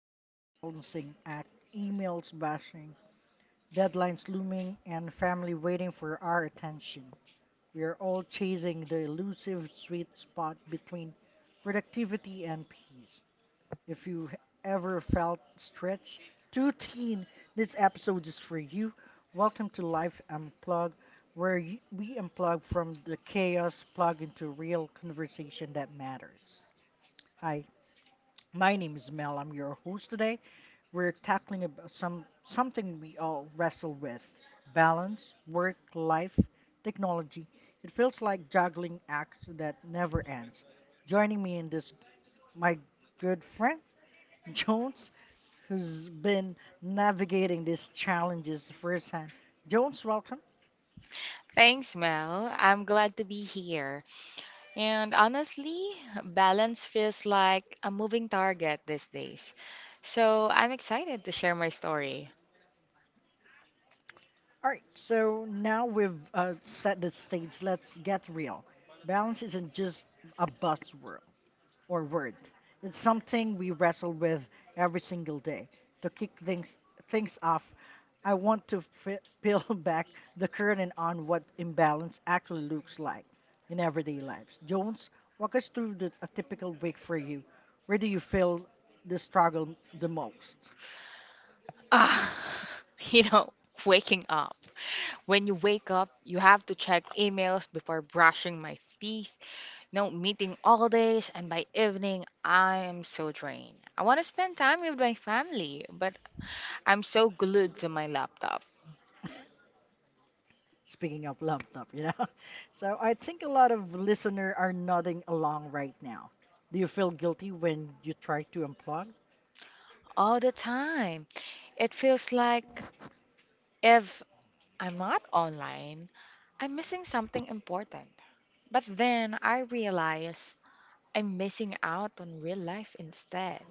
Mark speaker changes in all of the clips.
Speaker 1: constant balancing act, emails bashing, deadlines looming, and family waiting for our attention. We are all chasing the elusive sweet spot between productivity and peace. If you ever felt stretched too thin, this episode is for you. Welcome to Life Unplugged, where we unplug from the chaos, plug into real conversation that matters. Hi, my name is Mel. I'm your host today. We're tackling about something we all wrestle with: balance, work, life, technology. It feels like juggling acts that never ends. Joining me in this, my good friend Jones, who's been navigating these challenges firsthand. Jones, welcome.
Speaker 2: Thanks, Mel. I'm glad to be here. And honestly, balance feels like a moving target these days. So I'm excited to share my story.
Speaker 1: All right, so now we've set the stage. Let's get real. Balance isn't just a buzzword. Or word. It's something we wrestle with every single day. To kick things off, I want to peel back the curtain on what imbalance actually looks like in everyday lives. Jones, walk us through a typical week for you. Where do you feel the struggle the most?
Speaker 2: Ah, you know, waking up. When you wake up, you have to check emails before brushing my teeth. No meeting all days, and by evening, I am so drained. I want to spend time with my family, but I'm so glued to my laptop
Speaker 1: Speaking of laptop. So I think a lot of listener are nodding along right now. Do you feel guilty when you try to unplug?
Speaker 2: all the time. It feels like if I'm not online, I'm missing something important. But then I realize I'm missing out on real life instead.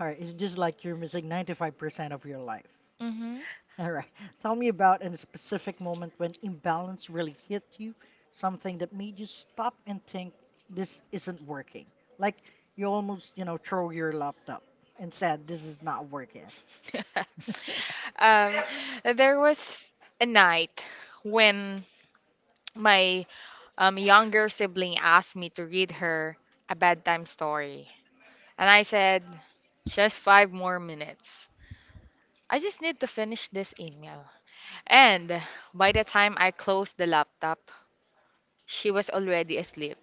Speaker 1: All right, it's just like you're missing 95% of your life.
Speaker 2: hmm
Speaker 1: All right, tell me about a specific moment when imbalance really hit you, something that made you stop and think this isn't working. Like you almost, throw your laptop and said, "This is not working."
Speaker 2: um, there was a night when my younger sibling asked me to read her a bedtime story. And I said, just five more minutes. I just need to finish this email. And by the time I closed the laptop, she was already asleep.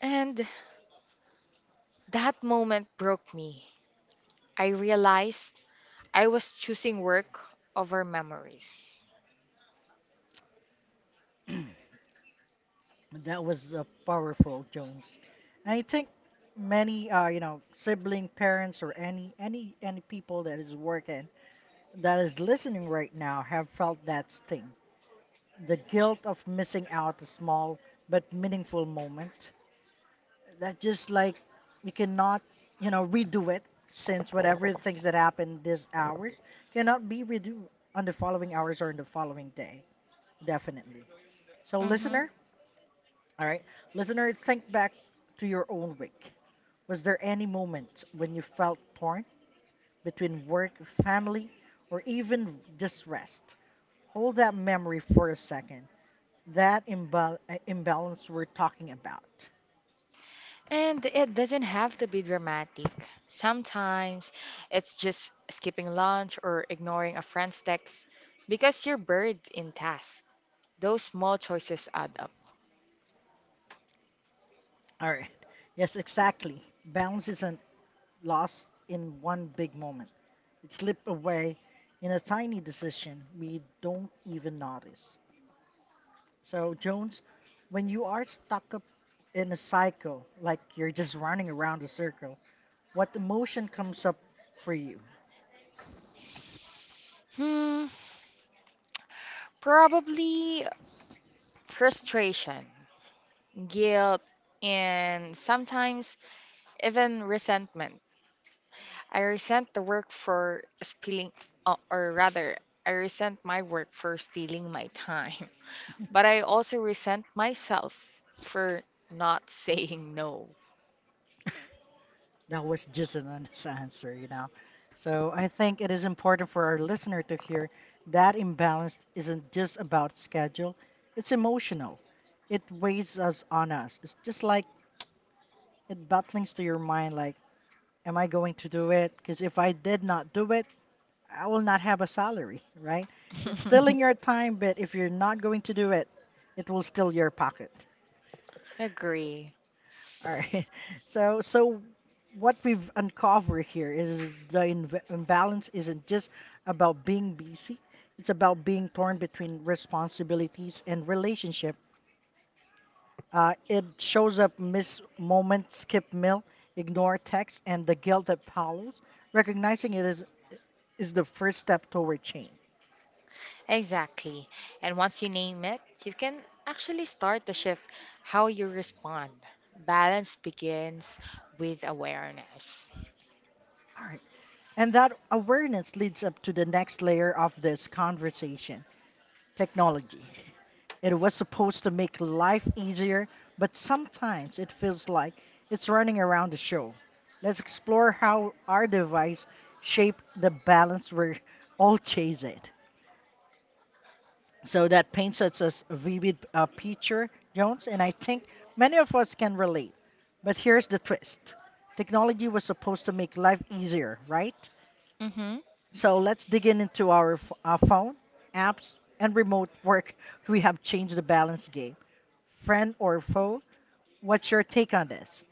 Speaker 2: And that moment broke me. I realized I was choosing work over memories.
Speaker 1: That was powerful, Jones. And I think many, sibling, parents, or any people that is working, that is listening right now, have felt that sting. The guilt of missing out a small but meaningful moment that just like we cannot redo it, since whatever things that happened these hours cannot be redo on the following hours or in the following day, definitely. So
Speaker 2: hmm
Speaker 1: listener, all right, listener, think back to your own week. Was there any moment when you felt torn between work, family, or even just rest? Hold that memory for a second, that imbalance we're talking about.
Speaker 2: And it doesn't have to be dramatic. Sometimes it's just skipping lunch or ignoring a friend's text because you're buried in tasks. Those small choices add up.
Speaker 1: All right. Yes, exactly. Balance isn't lost in one big moment. It slipped away in a tiny decision we don't even notice. So, Jones, when you are stuck up in a cycle, like you're just running around a circle, what emotion comes up for you?
Speaker 2: Hmm, probably frustration, guilt, and sometimes even resentment. I resent the work for spilling, or rather, I resent my work for stealing my time. But I also resent myself for not saying no.
Speaker 1: That was just an honest answer. So I think it is important for our listener to hear that imbalance isn't just about schedule, it's emotional. It weighs us on us. It's just like it butlings to your mind like, am I going to do it? Because if I did not do it, I will not have a salary, right? It's stealing your time, but if you're not going to do it, it will steal your pocket.
Speaker 2: Agree.
Speaker 1: All right. So what we've uncovered here is the inv imbalance isn't just about being busy. It's about being torn between responsibilities and relationship. It shows up miss moment, skip meal, ignore text, and the guilt that follows. Recognizing it is the first step toward change.
Speaker 2: Exactly. And once you name it, you can actually start to shift how you respond. Balance begins with awareness.
Speaker 1: All right. And that awareness leads up to the next layer of this conversation, technology. It was supposed to make life easier, but sometimes it feels like it's running around the show. Let's explore how our device shaped the balance we're all chasing. So that paints us as a vivid picture, Jones, and I think many of us can relate. But here's the twist, technology was supposed to make life easier, right?
Speaker 2: hmm
Speaker 1: So let's dig in into our phone, apps, and remote work. We have changed the balance game. Friend or foe. What's your take on this?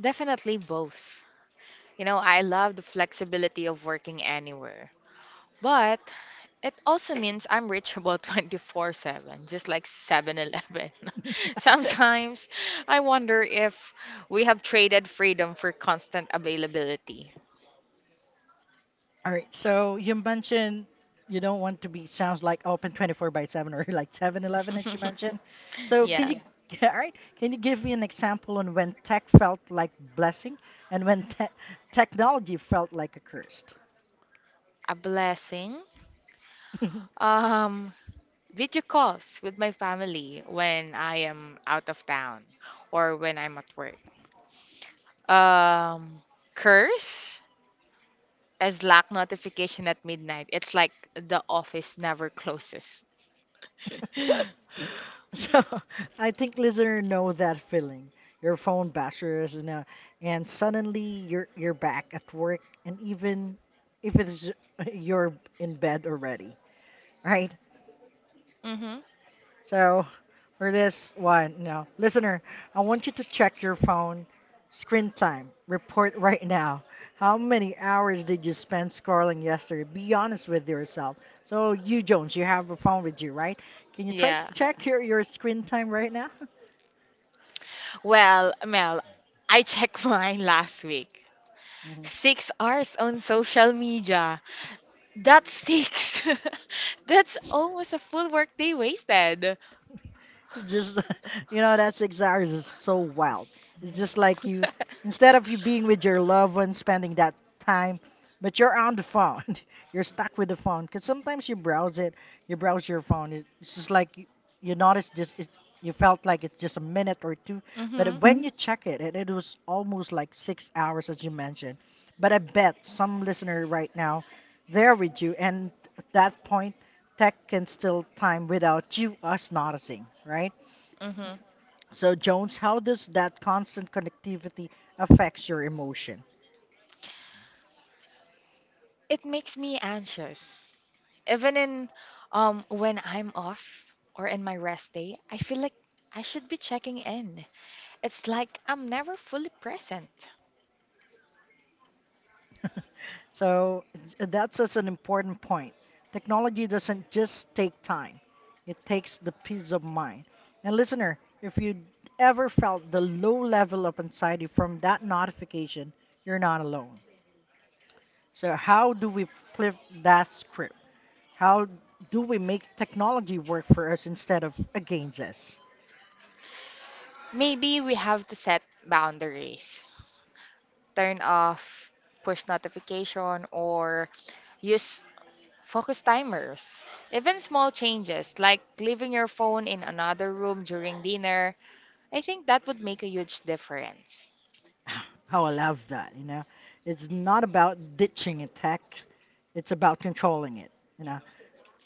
Speaker 2: Definitely both. You know, I love the flexibility of working anywhere. But it also means I'm reachable 24/7, just like 7-Eleven.
Speaker 1: All
Speaker 2: Sometimes I wonder if we have traded freedom for constant availability.
Speaker 1: right. So you mentioned you don't want to be sounds like open 24 by 7 or like 7-Eleven as you mentioned. So can
Speaker 2: Yeah,
Speaker 1: you all right? Can you give me an example on when tech felt like blessing and when technology felt like a curse?
Speaker 2: a blessing. Um, video calls with my family when I am out of town or when I'm at work. Um, curse as Slack notification at midnight. It's like the office never closes.
Speaker 1: So I think listener know that feeling. Your phone bashes and and suddenly you're back at work, and even if it's you're in bed already, right?
Speaker 2: Mm-hmm.
Speaker 1: So for this one, no listener, I want you to check your phone screen time report right now. How many hours did you spend scrolling yesterday? Be honest with yourself. So you, Jones, you have a phone with you, right? Can you try to
Speaker 2: Yeah.
Speaker 1: check your screen time right now?
Speaker 2: Well, Mel, I checked mine last week. 6 hours on social media. That's six. That's almost a full workday wasted.
Speaker 1: It's just, that's exactly just so wild. It's just like you, instead of you being with your loved one, spending that time, but you're on the phone. You're stuck with the phone because sometimes you browse it, you browse your phone. It's just like you notice just it. You felt like it's just a minute or two, but
Speaker 2: Mm-hmm.
Speaker 1: when you check it, and it was almost like 6 hours, as you mentioned. But I bet some listener right now, they're with you, and at that point, tech can still time without you us noticing, right?
Speaker 2: Mm-hmm.
Speaker 1: So, Jones, how does that constant connectivity affects your emotion?
Speaker 2: It makes me anxious. Even in When I'm off or in my rest day, I feel like I should be checking in. It's like I'm never fully present.
Speaker 1: So, that's just an important point. Technology doesn't just take time; it takes the peace of mind. And listener, if you ever felt the low level of anxiety from that notification, you're not alone. So, how do we flip that script? How do we make technology work for us instead of against us?
Speaker 2: Maybe we have to set boundaries, turn off push notification or use focus timers. Even small changes like leaving your phone in another room during dinner, I think that would make a huge difference.
Speaker 1: How I love that. It's not about ditching a tech, it's about controlling it, you know.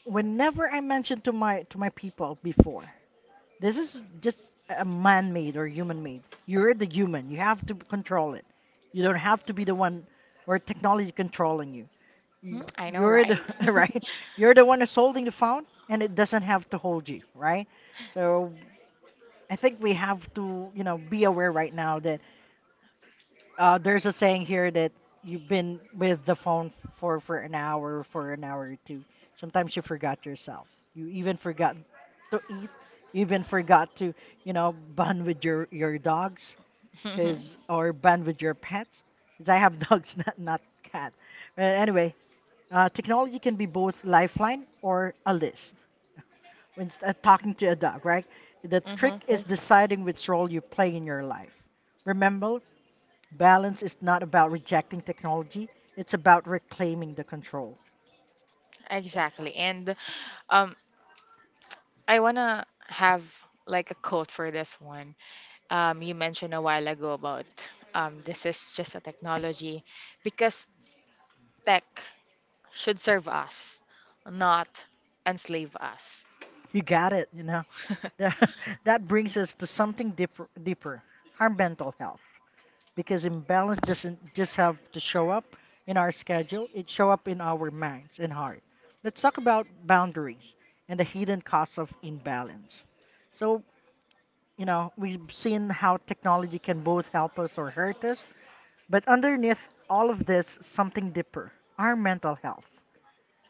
Speaker 1: Whenever I mentioned to my people before, this is just a man-made or human-made. You're the human. You have to control it. You don't have to be the one or technology controlling you.
Speaker 2: Hmm, I know,
Speaker 1: You're the
Speaker 2: right?
Speaker 1: right. You're the one who's holding the phone, and it doesn't have to hold you, right? So I think we have to, be aware right now that there's a saying here that you've been with the phone for an hour, for an hour or two. Sometimes you forgot yourself. You even forgot to eat. You even forgot to, bond with your dogs,
Speaker 2: Mhm,
Speaker 1: cause or bond with your pets. Cause I have dogs, not cat. Anyway, technology can be both lifeline or a list. When talking to a dog, right? The trick
Speaker 2: mhm.
Speaker 1: is deciding which role you play in your life. Remember, balance is not about rejecting technology, it's about reclaiming the control.
Speaker 2: Exactly. And um, I wanna have like a quote for this one. You mentioned a while ago about this is just a technology because tech should serve us, not enslave us.
Speaker 1: You got it. The- that brings us to something deeper, our mental health. Because imbalance doesn't just have to show up in our schedule, it show up in our minds and heart. Let's talk about boundaries and the hidden costs of imbalance. So, we've seen how technology can both help us or hurt us, but underneath all of this, something deeper, our mental health.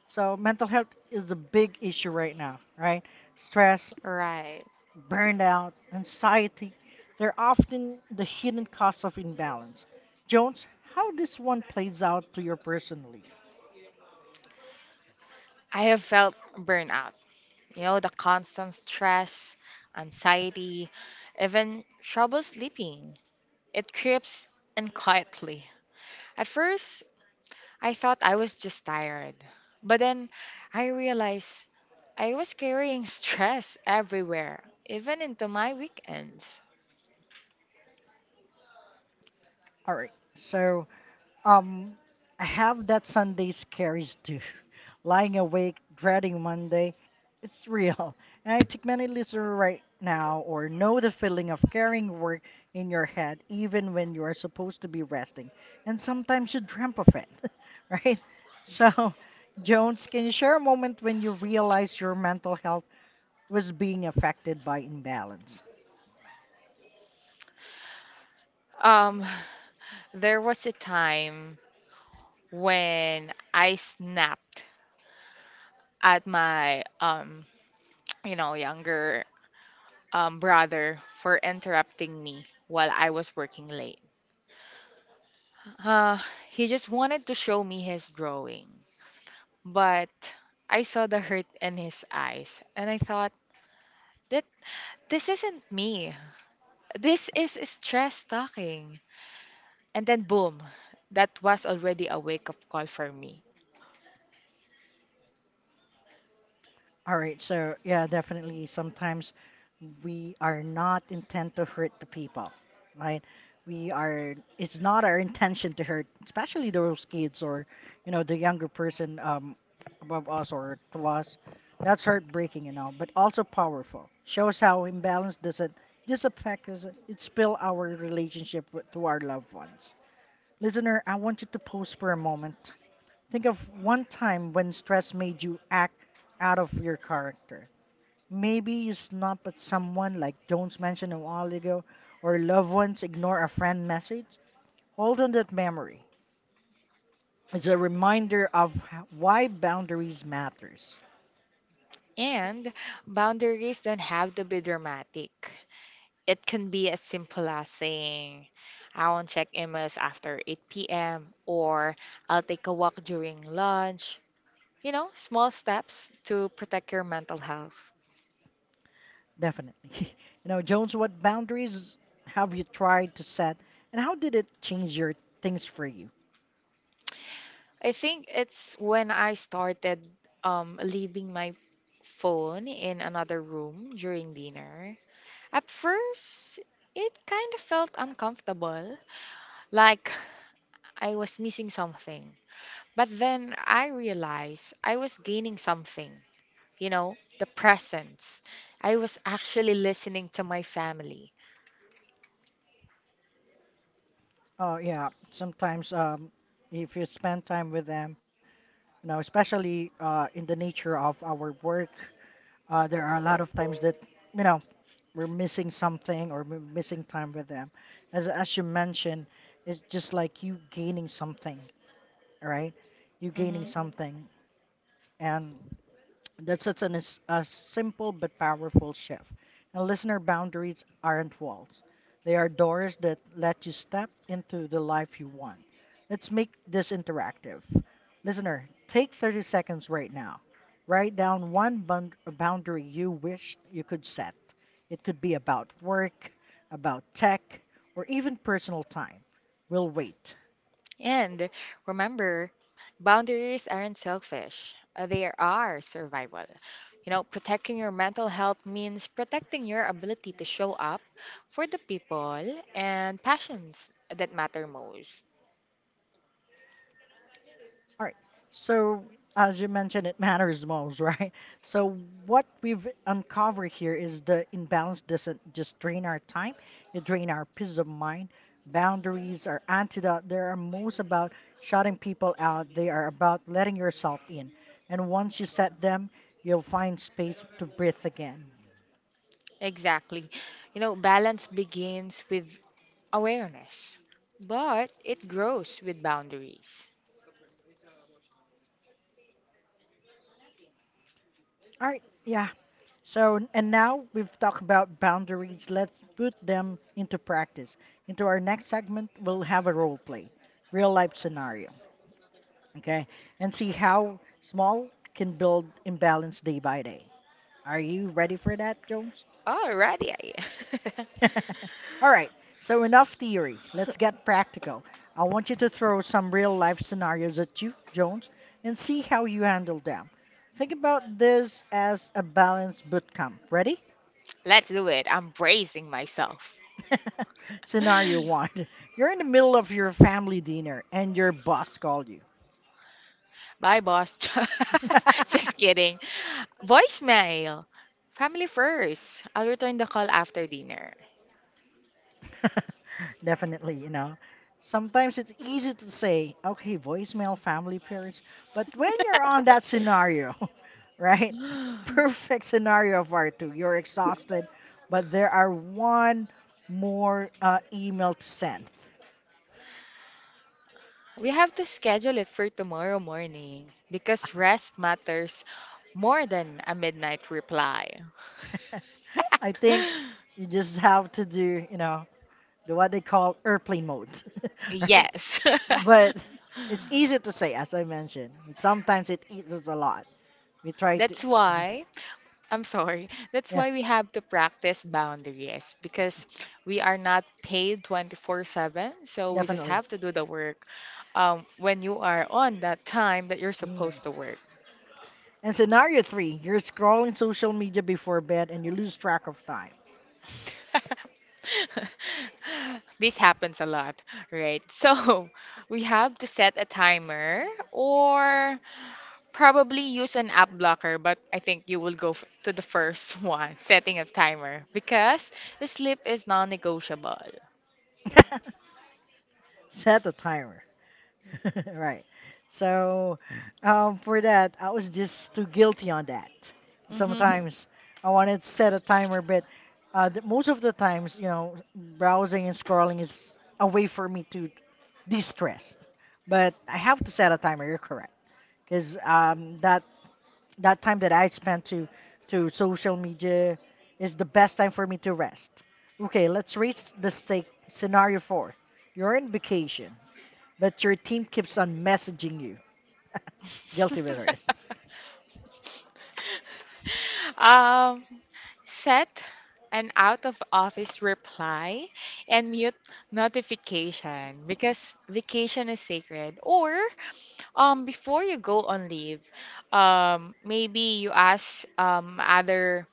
Speaker 1: So mental health is a big issue right now, right? Stress,
Speaker 2: Right.
Speaker 1: burnout, anxiety, they're often the hidden cause of imbalance. Jones, how this one plays out to you personally?
Speaker 2: I have felt burnout. You know, the constant stress, anxiety, even trouble sleeping. It creeps in quietly. At first, I thought I was just tired. But then I realized I was carrying stress everywhere, even into my weekends.
Speaker 1: All right. So Um, I have that Sunday scaries too. Lying awake, dreading Monday. It's real. And I think many listeners right now or know the feeling of carrying work in your head even when you are supposed to be resting. And sometimes you dream of it, right? So, Jones, can you share a moment when you realized your mental health was being affected by imbalance?
Speaker 2: Um, there was a time when I snapped at my you know younger brother for interrupting me while I was working late. Uh, he just wanted to show me his drawing, but I saw the hurt in his eyes and I thought that this isn't me. This is stress talking. And then boom, that was already a wake-up call for me.
Speaker 1: All right, so yeah, definitely. Sometimes we are not intent to hurt the people, right? We are. It's not our intention to hurt, especially those kids or, the younger person above us or to us. That's heartbreaking, but also powerful. Shows how imbalance does it this affect us. It spill our relationship with, to our loved ones. Listener, I want you to pause for a moment. Think of one time when stress made you act out of your character. Maybe you snap at someone like Jones mentioned a while ago, or loved ones ignore a friend message. Hold on that memory. It's a reminder of why boundaries matters.
Speaker 2: And boundaries don't have to be dramatic. It can be as simple as saying, I won't check emails after 8 p.m. or I'll take a walk during lunch. You know, small steps to protect your mental health.
Speaker 1: Definitely. You know, Jones, what boundaries have you tried to set, and how did it change your things for you?
Speaker 2: I think it's when I started leaving my phone in another room during dinner. At first, it kind of felt uncomfortable, like I was missing something. But then I realized I was gaining something, you know, the presence. I was actually listening to my family.
Speaker 1: Oh yeah, sometimes if you spend time with them, especially in the nature of our work, there are a lot of times that you know we're missing something or we're missing time with them. As you mentioned, it's just like you gaining something, right? You gaining
Speaker 2: hmm
Speaker 1: something, and that's such a simple but powerful shift. And listener, boundaries aren't walls, they are doors that let you step into the life you want. Let's make this interactive. Listener, take 30 seconds right now. Write down one boundary you wished you could set. It could be about work, about tech, or even personal time. We'll wait.
Speaker 2: And remember, boundaries aren't selfish, they are survival. You know, protecting your mental health means protecting your ability to show up for the people and passions that matter most.
Speaker 1: All right. So, as you mentioned, it matters most, right? So, what we've uncovered here is the imbalance doesn't just drain our time, it drain our peace of mind. Boundaries are antidote. They are most about shutting people out. They are about letting yourself in. And once you set them, you'll find space to breathe again.
Speaker 2: Exactly. You know, balance begins with awareness, but it grows with boundaries.
Speaker 1: All right. Yeah. So, and now we've talked about boundaries. Let's put them into practice. Into our next segment, we'll have a role play, real life scenario, okay? And see how small can build imbalance day by day. Are you ready for that, Jones?
Speaker 2: Alrighty.
Speaker 1: All right, so enough theory. Let's get practical. I want you to throw some real life scenarios at you, Jones, and see how you handle them. Think about this as a balanced boot camp. Ready?
Speaker 2: Let's do it. I'm bracing myself.
Speaker 1: Scenario one. You're in the middle of your family dinner and your boss called you.
Speaker 2: Bye, boss. Just kidding. Voicemail. Family first. I'll return the call after dinner.
Speaker 1: Definitely, you know. Sometimes it's easy to say, okay, voicemail family first, but when you're on that scenario, right? Perfect scenario for two. You're exhausted, but there are one more email to send.
Speaker 2: We have to schedule it for tomorrow morning because rest matters more than a midnight reply.
Speaker 1: I think you just have to do, you know, the what they call airplane mode, right?
Speaker 2: Yes.
Speaker 1: But it's easy to say, as I mentioned, but sometimes it eats us a lot. We try to,
Speaker 2: That's why— I'm sorry. That's
Speaker 1: yeah,
Speaker 2: why we have to practice boundaries because we are not paid 24/7. So we just
Speaker 1: definitely.
Speaker 2: have to do the work when you are on that time that you're
Speaker 1: Mm.
Speaker 2: supposed to work.
Speaker 1: And scenario three, you're scrolling social media before bed and you lose track of time.
Speaker 2: This happens a lot, right? So we have to set a timer or probably use an app blocker, but I think you will go to the first one, setting a timer, because the sleep is non-negotiable.
Speaker 1: Set a timer. Right. So, for that, I was just too guilty on that.
Speaker 2: Mm-hmm.
Speaker 1: Sometimes I wanted to set a timer, but most of the times, you know, browsing and scrolling is a way for me to de-stress. But I have to set a timer. You're correct, because that that time that I spent to social media is the best time for me to rest. Okay, let's raise the stake. Scenario four: you're in vacation but your team keeps on messaging you. Guilty with it.
Speaker 2: Um, set an out of office reply and mute notification because vacation is sacred. Or before you go on leave, maybe you ask other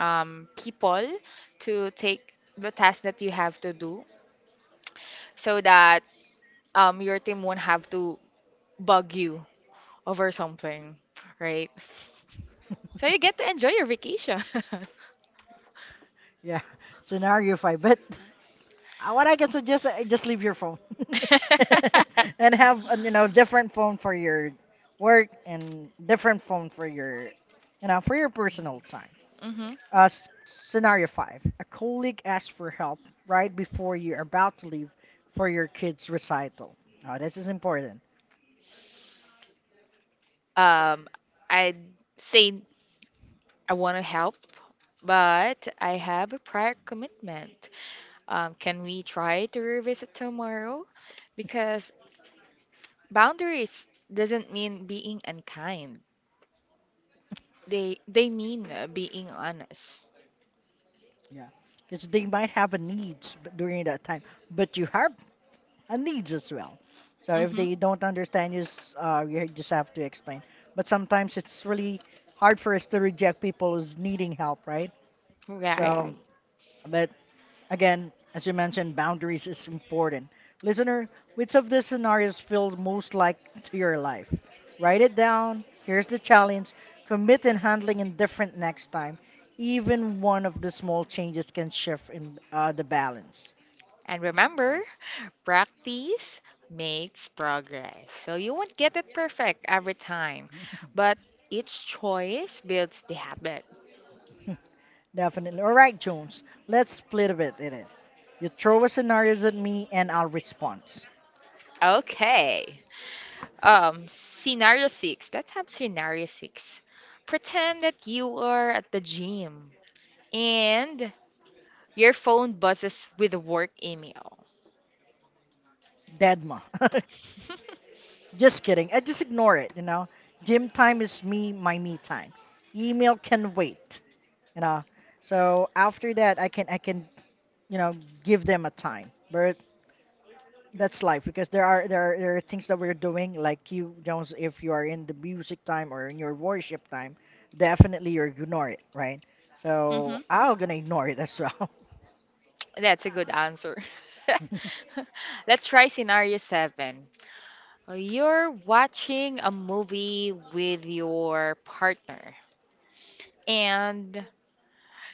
Speaker 2: people to take the task that you have to do so that your team won't have to bug you over something, right? So you get to enjoy your vacation.
Speaker 1: Yeah, scenario five. But what I can suggest, just leave your phone and have you know different phone for your work and different phone for your you know for your personal time.
Speaker 2: hmm
Speaker 1: Scenario five: a colleague asks for help right before you're about to leave for your kid's recital. Oh, this is important.
Speaker 2: Um, I'd say I want to help, but I have a prior commitment. Can we try to revisit tomorrow? Because boundaries doesn't mean being unkind. They mean being honest.
Speaker 1: Yeah, because they might have a during that time, but you have and needs as well. So if
Speaker 2: Mm-hmm.
Speaker 1: they don't understand, you just have to explain. But sometimes it's really hard for us to reject people who's needing help, right? So,
Speaker 2: Right.
Speaker 1: right, but again, as you mentioned, boundaries is important. Listener, which of these scenarios feels most like to your life? Write it down. Here's the challenge. Commit in handling indifferent next time. Even one of the small changes can shift in the balance.
Speaker 2: And remember, practice makes progress. So you won't get it perfect every time, but each choice builds the habit.
Speaker 1: Definitely. All right, Jones. Let's split a bit in it. You throw a scenarios at me and I'll respond.
Speaker 2: Okay. Scenario six. Let's have scenario six. Pretend that you are at the gym and your phone buzzes with a work email.
Speaker 1: Deadma. Just kidding. I just ignore it, you know. Gym time is me, my me time. Email can wait, you know. So after that I can, you know, give them a time. But that's life because there are things that we're doing like you Jones, if you are in the music time or in your worship time, definitely you ignore it, right? So
Speaker 2: hmm
Speaker 1: I'm gonna ignore it as well.
Speaker 2: That's a good answer. Let's try scenario seven. You're watching a movie with your partner and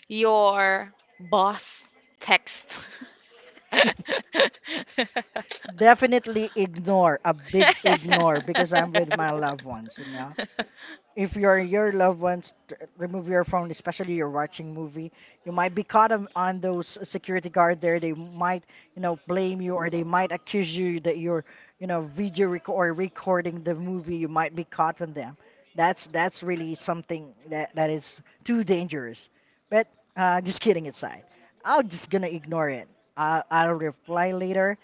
Speaker 2: your boss text.
Speaker 1: Definitely ignore, a big ignore, because I'm with my loved ones, you know. If your your remove your phone, especially you're watching movie, you might be caught on those security guard there. They might, you know, blame you or they might accuse you that you're, you know, video rec- or recording the movie. You might be caught on them. That's really something that that is too dangerous. But just kidding aside, I'm just gonna ignore it. I'll reply later.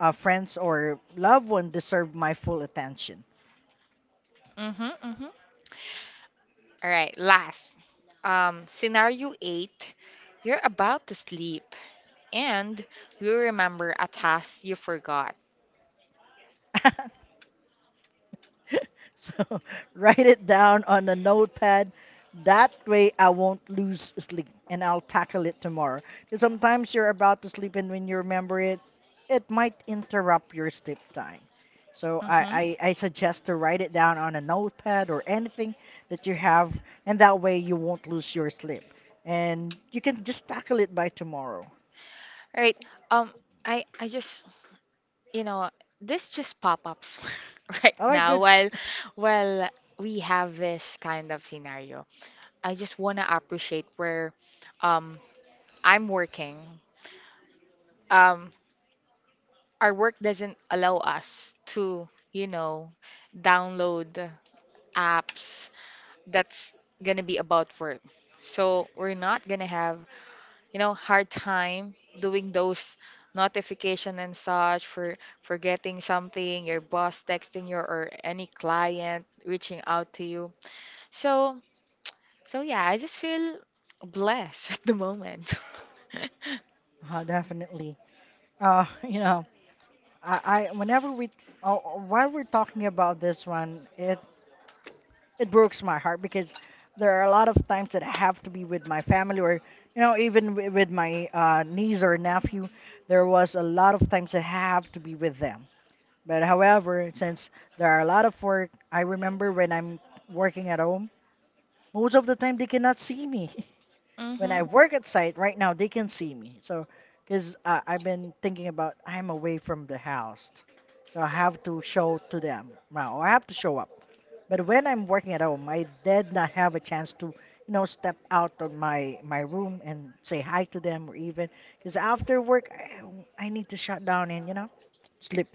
Speaker 1: Friends or loved one deserve my full attention.
Speaker 2: Mhm, mhm. All right, last. Scenario eight, you're about to sleep and you remember a task you forgot.
Speaker 1: So write it down on a notepad. That way I won't lose sleep and I'll tackle it tomorrow. 'Cause sometimes you're about to sleep and when you remember it, it might interrupt your sleep time. So
Speaker 2: Mm-hmm.
Speaker 1: I suggest to write it down on a notepad or anything that you have and that way you won't lose your sleep. And you can just tackle it by tomorrow.
Speaker 2: All right. Um, I just you know, this just pop-ups right
Speaker 1: All right,
Speaker 2: now
Speaker 1: good.
Speaker 2: while we have this kind of scenario. I just want to appreciate where um I'm working. Um, our work doesn't allow us to, you know, download apps that's gonna be about work. So we're not gonna have you know, hard time doing those notification and such for forgetting something, your boss texting you or any client reaching out to you. So, so yeah, I just feel blessed at the moment.
Speaker 1: Definitely. You know, I whenever we while we're talking about this one, it breaks my heart because there are a lot of times that I have to be with my family or you know even with my niece or nephew. There was a lot of times that I have to be with them. But however, since there are a lot of work, I remember when I'm working at home, most of the time they cannot see me. When
Speaker 2: Mm-hmm.
Speaker 1: I work at site right now, they can see me. So, because I've been thinking about I'm away from the house, so I have to show to them now, or I have to show up. But when I'm working at home, I did not have a chance to, you know, step out of my my room and say hi to them, or even because after work, I need to shut down and you know, sleep.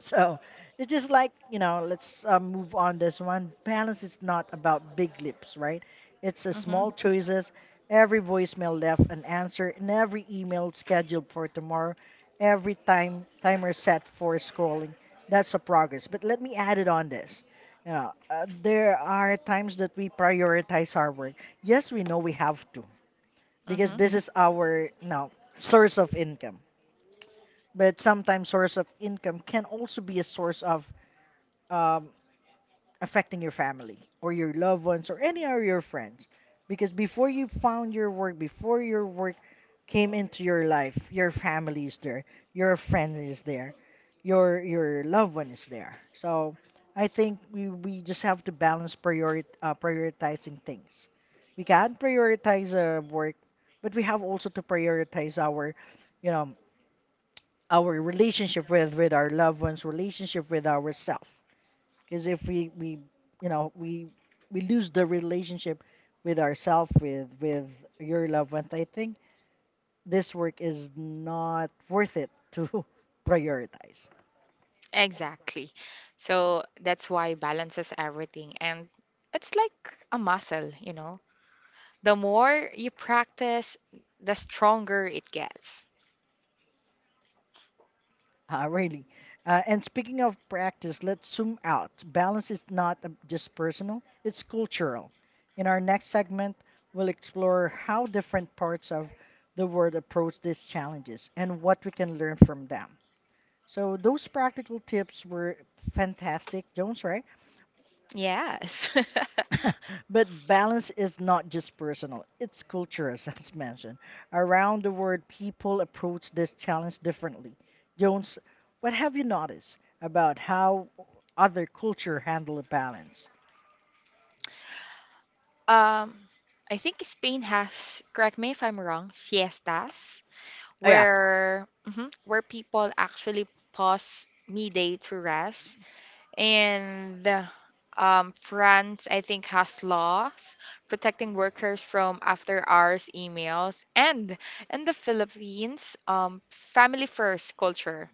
Speaker 1: So it's just like, you know, let's move on this one. Balance is not about big leaps, right? It's a
Speaker 2: Mm-hmm.
Speaker 1: small choices. Every voicemail left an answer, and every email scheduled for tomorrow, every time timer set for scrolling. That's a progress. But let me add it on this. You know, there are times that we prioritize our work. Yes, we know we have to because
Speaker 2: Mm-hmm.
Speaker 1: this is our, you know, source of income. But sometimes source of income can also be a source of um, affecting your family or your loved ones or any of your friends. Because before you found your work, before your work came into your life, your family is there, your friends is there, your loved one is there. So I think we just have to balance prioritizing things. We can prioritize work, but we have also to prioritize our, you know, our relationship with our loved ones, relationship with ourselves. Because if we, we you know we lose the relationship with ourselves with your loved ones, I think this work is not worth it to prioritize.
Speaker 2: Exactly. So that's why balances everything. And it's like a muscle, you know. The more you practice, the stronger it gets.
Speaker 1: Really. And speaking of practice, let's zoom out. Balance is not just personal; it's cultural. In our next segment, we'll explore how different parts of the world approach these challenges and what we can learn from them. So those practical tips were fantastic, Jones, right.
Speaker 2: Yes.
Speaker 1: But balance is not just personal, it's cultural, as I mentioned. Around the world, people approach this challenge differently. Jones, what have you noticed about how other culture handle balance?
Speaker 2: Um, I think Spain has, correct me if I'm wrong, siestas
Speaker 1: Oh, yeah.
Speaker 2: where mhm, where people actually pause midday to rest. And France, I think, has laws protecting workers from after hours emails. And in the Philippines, family first culture.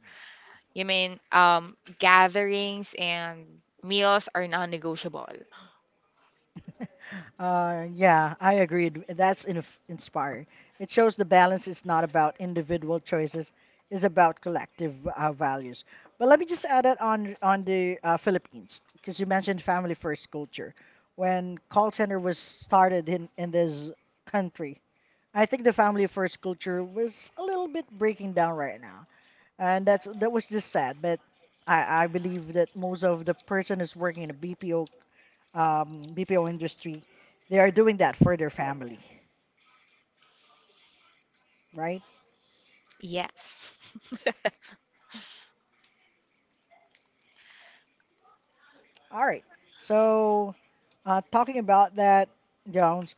Speaker 2: You mean gatherings and meals are non-negotiable.
Speaker 1: Yeah, I agreed. That's in inspire. It shows the balance is not about individual choices, it's about collective values. But let me just add it on the Philippines because you mentioned family first culture. When call center was started in this country, I think the family first culture was a little bit breaking down right now, and that was just sad. But I believe that most of the person who's working in a BPO industry, they are doing that for their family, right?
Speaker 2: Yes.
Speaker 1: All right. So, talking about that, Jones,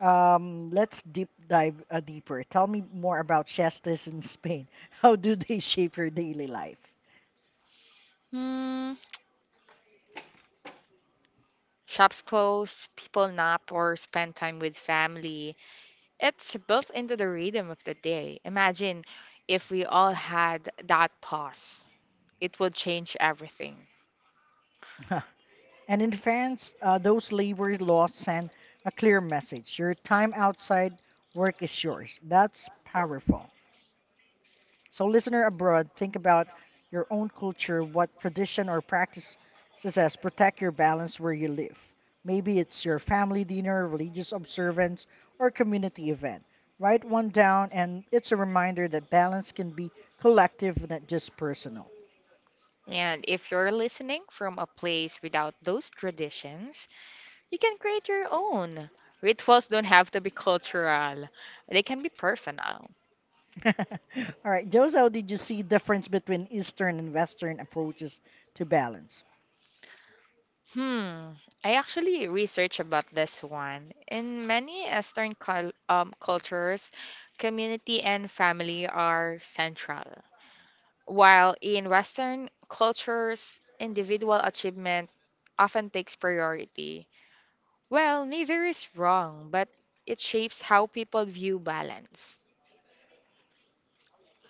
Speaker 1: let's deep dive deeper. Tell me more about siestas in Spain. How do they shape your daily life?
Speaker 2: Hmm. Shops close, people nap or spend time with family. It's built into the rhythm of the day. Imagine if we all had that pause, it would change everything.
Speaker 1: And in France, those labor laws send a clear message. Your time outside work is yours. That's powerful. So, listener abroad, think about your own culture, what tradition or practice as protect your balance where you live. Maybe it's your family dinner, religious observance, or community event. Write one down, and it's a reminder that balance can be collective, not just personal.
Speaker 2: And if you're listening from a place without those traditions, you can create your own. Rituals don't have to be cultural, they can be personal.
Speaker 1: All right, Jose, how did you see difference between Eastern and Western approaches to balance?
Speaker 2: Hmm. I actually researched about this one. In many Eastern cultures, community and family are central, while in Western cultures, individual achievement often takes priority. Well, neither is wrong, but it shapes how people view balance.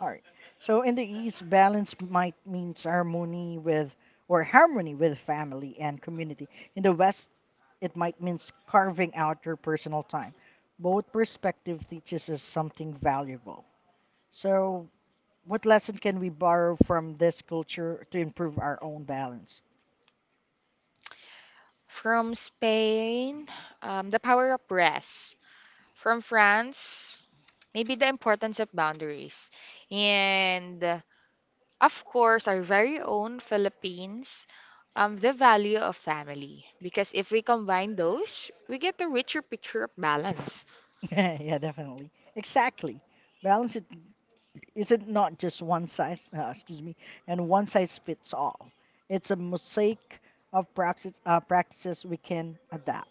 Speaker 1: All right. So in the East, balance might means harmony with or harmony with family and community. In the West, it might means carving out your personal time. Both perspective teaches us something valuable. So what lesson can we borrow from this culture to improve our own balance?
Speaker 2: From Spain, the power of rest. From France, maybe the importance of boundaries. And of course, our very own Philippines, the value of family. Because if we combine those, we get a richer picture of balance.
Speaker 1: Yeah, definitely. Exactly. Balance it is it not just one size, excuse me, and one size fits all? It's a mosaic of practices we can adapt.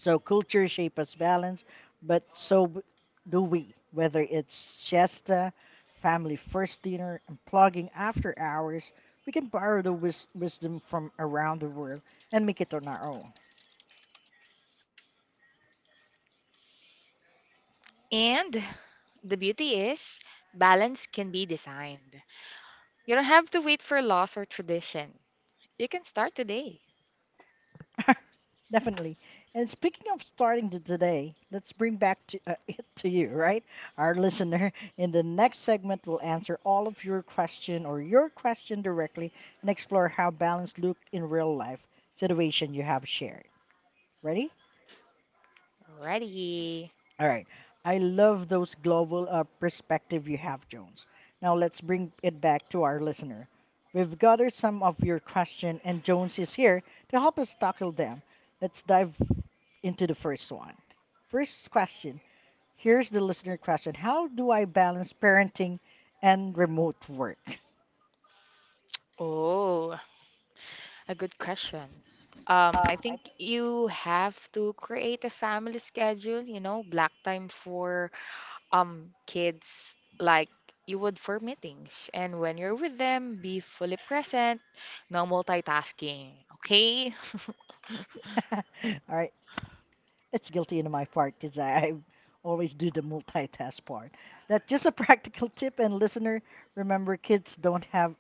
Speaker 1: So culture shape us balance, but so b- do we, whether it's siesta, family first dinner, and plugging after hours, we can borrow the wisdom from around the world and make it on our own.
Speaker 2: And the beauty is, balance can be designed. You don't have to wait for laws or tradition. You can start today.
Speaker 1: Definitely. And speaking of starting to today, let's bring back to, it to you, right? Our listener. In the next segment, we'll answer all of your question or your question directly and explore how balance looked in real life situation you have shared. Ready?
Speaker 2: Alrighty.
Speaker 1: All right. I love those global perspective you have, Jones. Now let's bring it back to our listener. We've gathered some of your question, and Jones is here to help us tackle them. Let's dive into the first one. First question. Here's the listener question. How do I balance parenting and remote work?
Speaker 2: Oh, a good question. I
Speaker 1: I
Speaker 2: think
Speaker 1: think
Speaker 2: you have to create a family schedule, you know, block time for kids like you would for meetings. And when you're with them, be fully present, no multitasking, okay?
Speaker 1: All right, it's guilty into my part because I always do the multitask part. That's just a practical tip, and listener, remember, kids don't have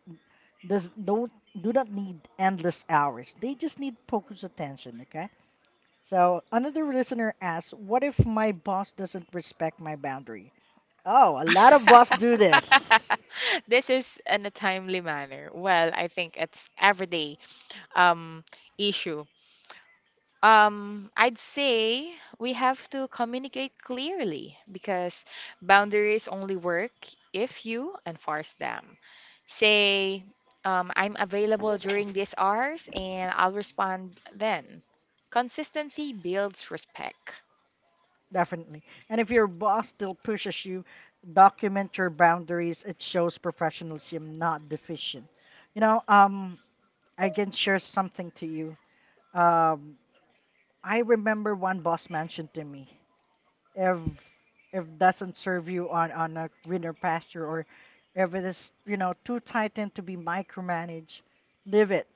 Speaker 1: does don't do not need endless hours. They just need focused attention. Okay. So another listener asks, "What if my boss doesn't respect my boundary?" Oh, a lot of boss do this.
Speaker 2: This is in a timely manner. Well, I think it's everyday um issue. I'd say we have to communicate clearly because boundaries only work if you enforce them. Say, I'm available during these hours and I'll respond then. Consistency builds respect.
Speaker 1: Definitely. And if your boss still pushes you, document your boundaries. It shows professionalism, not deficient. You know, I can share something to you. Um, I remember one boss mentioned to me if doesn't serve you on a greener pasture or if it is you know too tight and to be micromanaged leave it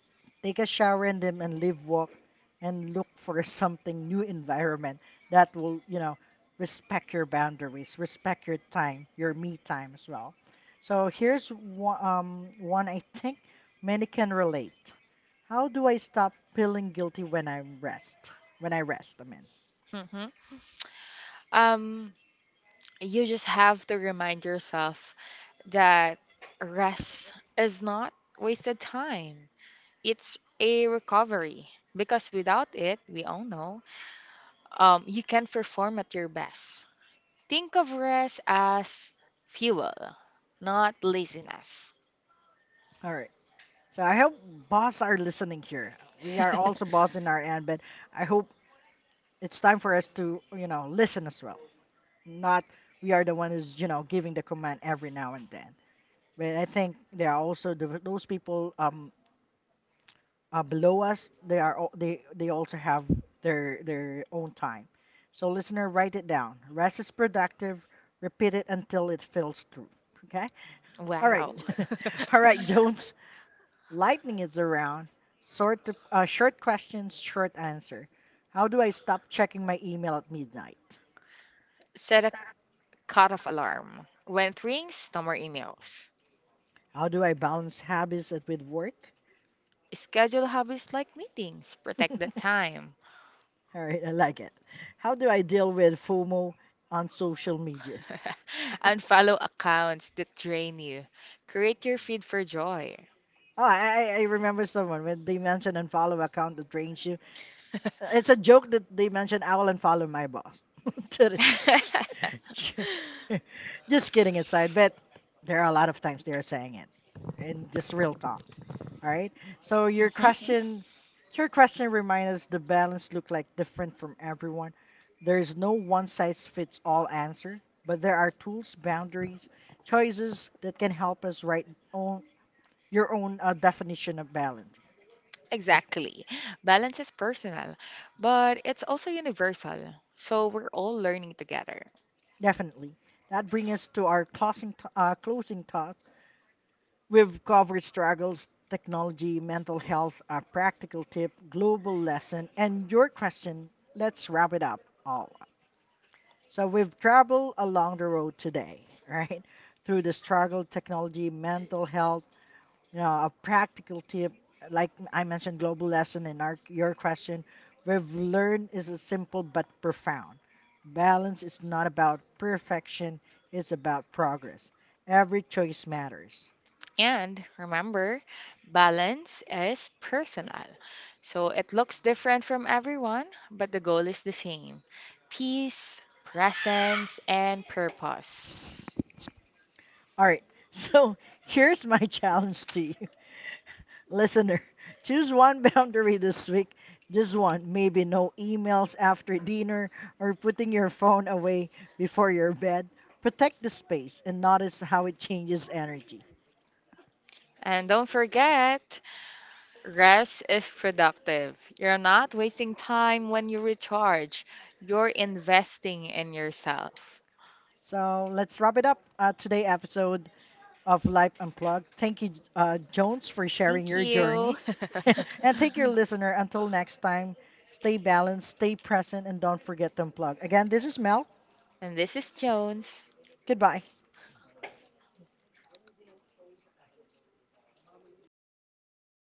Speaker 1: take a shower in them and live walk and look for something new environment that will you know respect your boundaries respect your time your me time as well. So here's one I think many can relate. How do I stop feeling guilty when I rest, I mean.
Speaker 2: Mhm. Um, you just have to remind yourself that rest is not wasted time. It's a recovery because without it, we all know you can perform at your best. Think of rest as fuel, not laziness.
Speaker 1: All right. So I hope boss are listening here. We are also boss in our end, but I hope it's time for us to, you know, listen as well. Not we are the one who's, you know, giving the command every now and then. But I think there are also those people below us. They also have their own time. So listener, write it down. Rest is productive. Repeat it until it feels true. Okay. All right.
Speaker 2: Wow.
Speaker 1: All right, Jones. Lightning is around. Short, short questions, short answer. How do I stop checking my email at midnight?
Speaker 2: Set a cutoff alarm. When it rings, no more emails.
Speaker 1: How do I balance with work?
Speaker 2: Schedule hobbies like meetings. Protect the time.
Speaker 1: All right, I like it. How do I deal with FOMO on social media?
Speaker 2: Unfollow accounts that drain you. Create your feed for joy.
Speaker 1: Oh, I remember someone when they mentioned unfollow account that drains you. It's a joke that they mentioned I will unfollow my boss. That is- just kidding aside, but there are a lot of times they are saying it, and just real talk. All right. So
Speaker 2: Mhm.
Speaker 1: your question reminds us the balance look like different from everyone. There is no one size fits all answer, but there are tools, boundaries, choices that can help us write own your own definition of balance. Like,
Speaker 2: Exactly. Balance is personal, but it's also universal. So we're all learning together.
Speaker 1: definitely. That brings us to our closing thoughts. We've covered struggles, technology, mental health, a practical tip, global lesson, and your question. Let's wrap it up all. So we've traveled along the road today, right? Through the struggle, technology, mental health, you know, a practical tip, like I mentioned, global lesson in our your question, we've learned is a simple but profound. Balance is not about perfection, it's about progress. Every choice matters.
Speaker 2: And remember, balance is personal. So it looks different from everyone, but the goal is the same: peace, presence, and purpose.
Speaker 1: All right. So here's my challenge to you. Listener, choose one boundary this week. Just one. Maybe no emails after dinner or putting your phone away before your bed. Protect the space and notice how it changes energy.
Speaker 2: And don't forget, rest is productive. You're not wasting time when you recharge, you're investing in yourself.
Speaker 1: So let's wrap it up today episode of Life Unplugged. Thank you, Jones, for sharing
Speaker 2: Thank
Speaker 1: your
Speaker 2: you.
Speaker 1: journey. And thank your listener. Until next time, stay balanced, stay present, and don't forget to unplug. Again, this is Mel.
Speaker 2: and this is Jones.
Speaker 1: Goodbye.